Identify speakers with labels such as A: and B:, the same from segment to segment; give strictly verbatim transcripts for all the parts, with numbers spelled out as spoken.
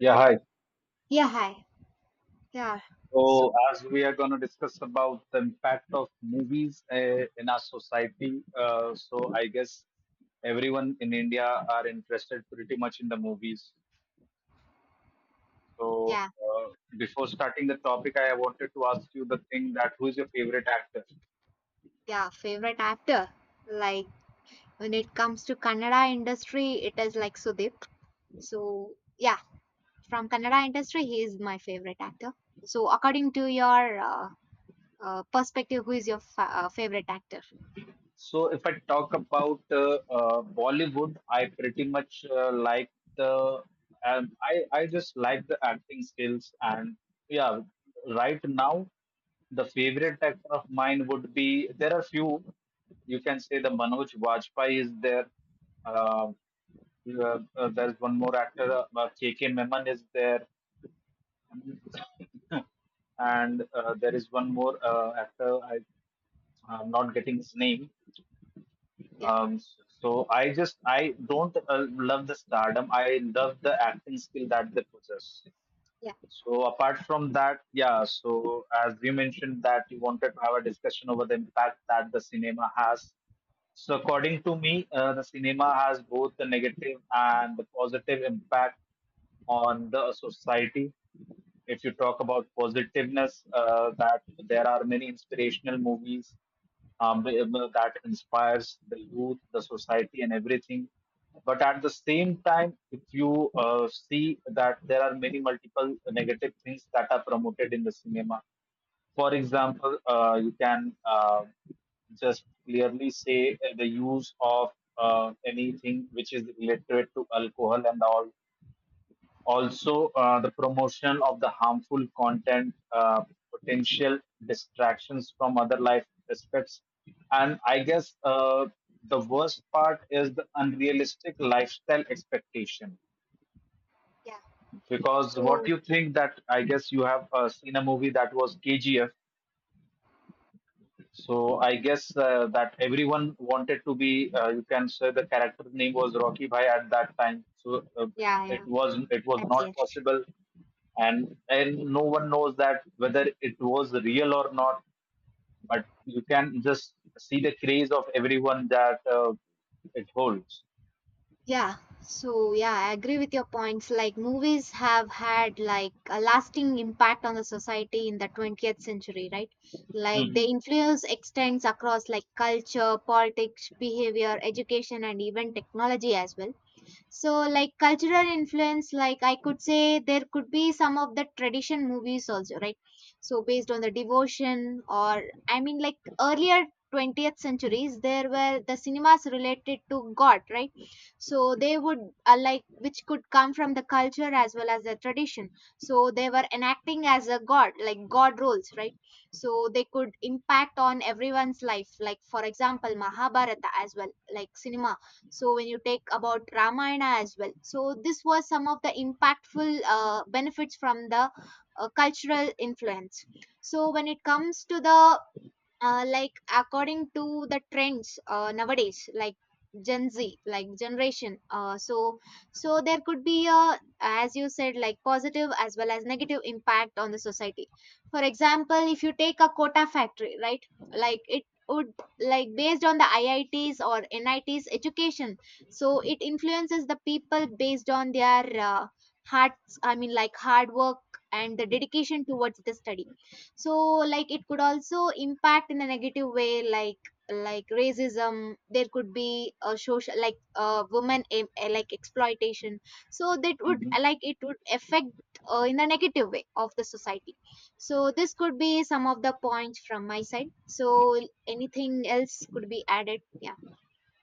A: Yeah, hi.
B: Yeah, hi. Yeah. So,
A: So, as we are going to discuss about the impact of movies uh, in our society, uh, so I guess everyone in India are interested pretty much in the movies. So,
B: yeah,
A: uh, before starting the topic, I wanted to ask you the thing that who is your favorite actor?
B: yeah, favorite actor. Like when it comes to Kannada industry, it is like Sudip. So, yeah, from Kannada industry, he is my favorite actor. So, according to your uh, uh, perspective, who is your fa- uh, favorite actor?
A: So if I talk about uh, uh, Bollywood, I pretty much uh, like the um, I I just like the acting skills, and yeah, right now the favorite actor of mine would be there are few. You can say the Manoj Vajpayee is there. Uh, uh, uh, there's one more actor, uh, uh, K. Meman is there, and uh, there is one more uh, actor. I, I'm not getting his name,
B: Yeah,
A: um, so I just I don't uh, love the stardom. I love the acting skill that they possess.
B: yeah,
A: So apart from that, yeah. So as you mentioned, that you wanted to have a discussion over the impact that the cinema has. So according to me, uh, the cinema has both the negative and the positive impact on the society. If you talk about positiveness, uh, that there are many inspirational movies um, that inspires the youth, the society, and everything. But at the same time, if you uh, see that there are many multiple negative things that are promoted in the cinema. For example, uh, you can uh, just clearly say uh, the use of uh, anything which is related to alcohol and all, also, uh, the promotion of the harmful content, uh, potential distractions from other life aspects, and I guess uh, the worst part is the unrealistic lifestyle expectation.
B: yeah.
A: Because what
B: So,
A: you think that I guess you have uh, seen a movie that was K G F. So I guess uh, that everyone wanted to be. Uh, you can say the character name was Rocky Bhai at that time. So uh,
B: yeah,
A: it
B: yeah,
A: was it was
B: that's
A: not
B: it.
A: possible, and and no one knows that whether it was real or not. But you can just see the craze of everyone that uh, it holds.
B: Yeah, so yeah, I agree with your points. Like movies have had like a lasting impact on the society in the twentieth century, right? Like the
A: Mhm.
B: influence extends across like culture, politics, behavior, education, and even technology as well. So like cultural influence, like I could say there could be some of the tradition movies also, right? So based on the devotion, or I mean, like earlier twentieth centuries, there were the cinemas related to God, right? So they would, uh, like, which could come from the culture as well as the tradition. So they were enacting as a god, like god roles, right? So they could impact on everyone's life, like for example Mahabharata as well, like cinema. So when you take about Ramayana as well, so this was some of the impactful uh, benefits from the uh, cultural influence. So when it comes to the, uh, like, according to the trends, uh, nowadays, like Gen Z like generation, uh, so so there could be, a as you said, like positive as well as negative impact on the society. For example, if you take a Quota Factory, right? Like it would, like, based on the IITs or NITs education, so it influences the people based on their uh, hearts, I mean, like hard work and the dedication towards the study. So like it could also impact in a negative way, like like racism, there could be a social, like uh, women em- eh, like exploitation. So that would, like, it would affect uh, in a negative way of the society. So this could be some of the points from my side. So anything else could be added? Yeah,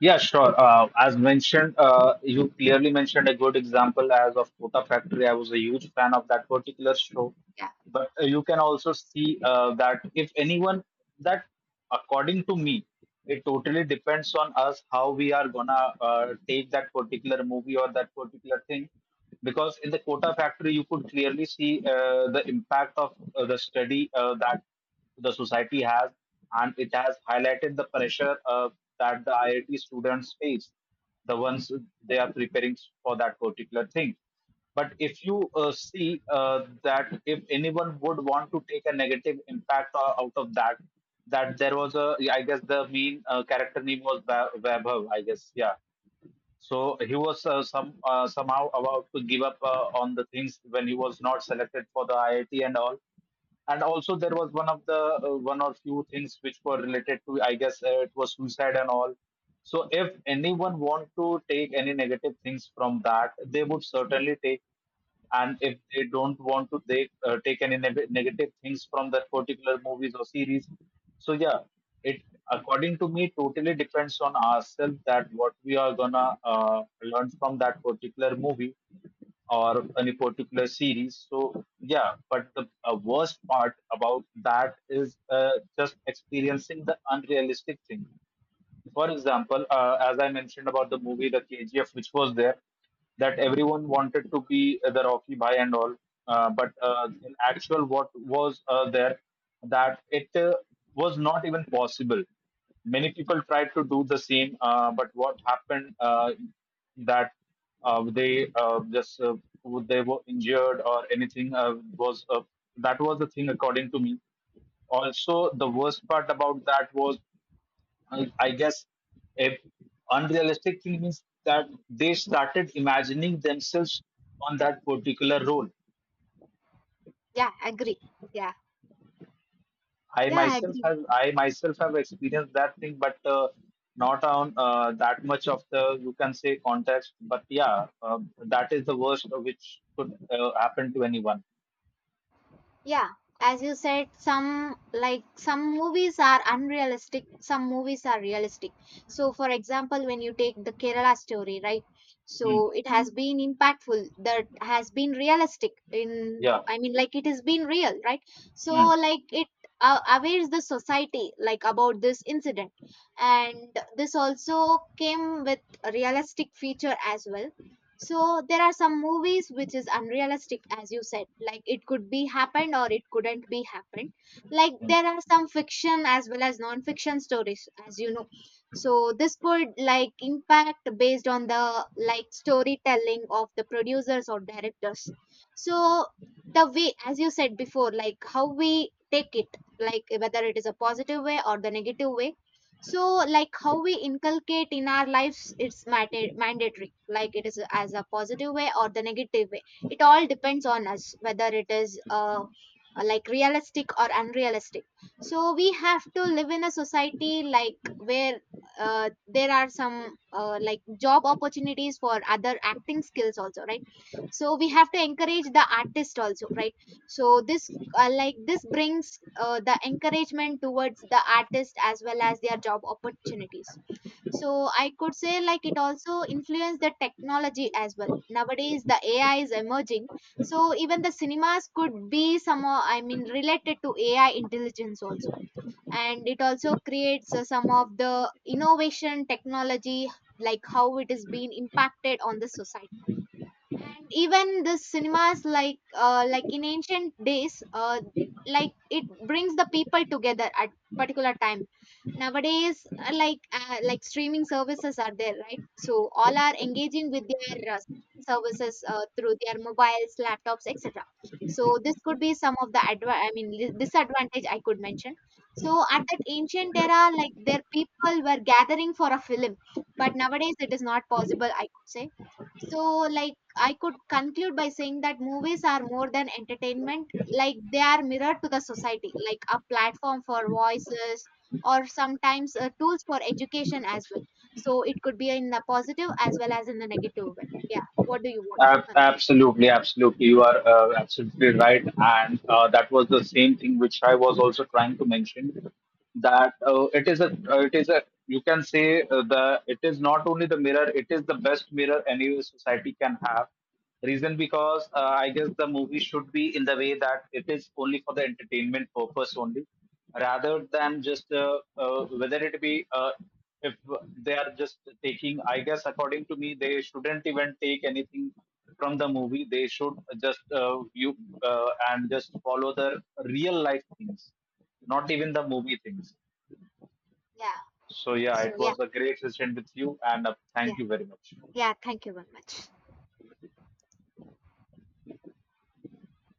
A: Yeah, sure. Uh, as mentioned, uh, you clearly mentioned a good example as of Kota Factory. I was a huge fan of that particular show.
B: yeah,
A: But uh, you can also see uh, that if anyone, that according to me, it totally depends on us how we are gonna uh, take that particular movie or that particular thing. Because in the Kota Factory, you could clearly see uh, the impact of uh, the study uh, that the society has, and it has highlighted the pressure uh, that the I I T students face, the ones they are preparing for that particular thing. But if you uh, see uh, that if anyone would want to take a negative impact o- out of that, that there was a, I guess the main uh, character name was Wa- Vaibhav, I guess, yeah. So he was uh, some uh, somehow about to give up uh, on the things when he was not selected for the I I T and all, and also there was one of the uh, one or few things which were related to, I guess, uh, it was suicide and all. So if anyone want to take any negative things from that, they would certainly take. And if they don't want to take uh, take any neg- negative things from that particular movies or series, so yeah, it, according to me, totally depends on ourselves that what we are gonna uh, learn from that particular movie or any particular series. So yeah, but the uh, worst part about that is uh, just experiencing the unrealistic thing. For example, uh, as I mentioned about the movie The K G F, which was there, that everyone wanted to be the Rocky Bhai and all. Uh, but uh, in actual, what was uh, there, that it uh, was not even possible. Many people tried to do the same, uh, but what happened, uh, that uh, they uh, just uh, they were injured, or anything uh, was uh, that was the thing according to me. Also the worst part about that was, I, I guess, if unrealistic thing means that they started imagining themselves on that particular role.
B: yeah, agree. Yeah,
A: I
B: yeah,
A: myself
B: agree.
A: have I myself have experienced that thing, but uh, not on uh, that much of the, you can say, context. But yeah, um, that is the worst which could uh, happen to anyone.
B: Yeah, as you said, some, like some movies are unrealistic, some movies are realistic. So, for example, when you take the Kerala Story, right?
A: Hmm.
B: So it has been impactful, that has been realistic in,
A: Yeah.
B: I mean, like it has been real, right? So,
A: Hmm.
B: like it uh, awares the society like about this incident, and this also came with a realistic feature as well. So there are some movies which is unrealistic, as you said, like it could be happened or it couldn't be happened. Like
A: Hmm.
B: there are some fiction as well as non-fiction stories, as you know. So this could like impact based on the, like, storytelling of the producers or directors. So the way, as you said before, like how we take it, like whether it is a positive way or the negative way. So like how we inculcate in our lives, it's matter mandatory, like it is as a positive way or the negative way, it all depends on us whether it is, uh, like, realistic or unrealistic. So we have to live in a society like where uh, there are some, uh, like, job opportunities for other acting skills also, right? So we have to encourage the artist also, right? So this, uh, like, this brings uh, the encouragement towards the artist as well as their job opportunities. So I could say, like, it also influenced the technology as well. Nowadays the AI is emerging, so even the cinemas could be some, uh, I mean, related to AI intelligence also. And it also creates uh, some of the innovation technology, like how it is being impacted on the society. And even the cinemas, like, uh, like, in ancient days, uh, like, it brings the people together at particular time. Nowadays, uh, like uh, like streaming services are there, right? So all are engaging with their uh, streaming services uh, through their mobiles, laptops, etc. So this could be some of the adva- i mean li- disadvantage I could mention. So at that ancient era, like their people were gathering for a film, but nowadays it is not possible, I could say. So, like, I could conclude by saying that movies are more than entertainment. Like they are mirror to the society, like a platform for voices, or sometimes uh, tools for education as well. So it could be in the positive as well as in the negative way. Yeah. What do you want to
A: Ab-
B: conclude?
A: Absolutely, absolutely. You are uh, absolutely right. And uh, that was the same thing which I was also trying to mention, that uh, it is a, uh, it is a, you can say uh, the, it is not only the mirror, it is the best mirror any society can have. Reason, because uh, I guess the movie should be in the way that it is only for the entertainment purpose only, rather than just uh, uh, whether it be uh, if they are just taking. I guess according to me, they shouldn't even take anything from the movie. They should just uh, view uh, and just follow the real life things, not even the movie things.
B: Yeah.
A: So yeah,
B: So
A: it
B: yeah,
A: was a great session with you, and uh, thank
B: yeah,
A: you very much.
B: yeah. Thank you very much.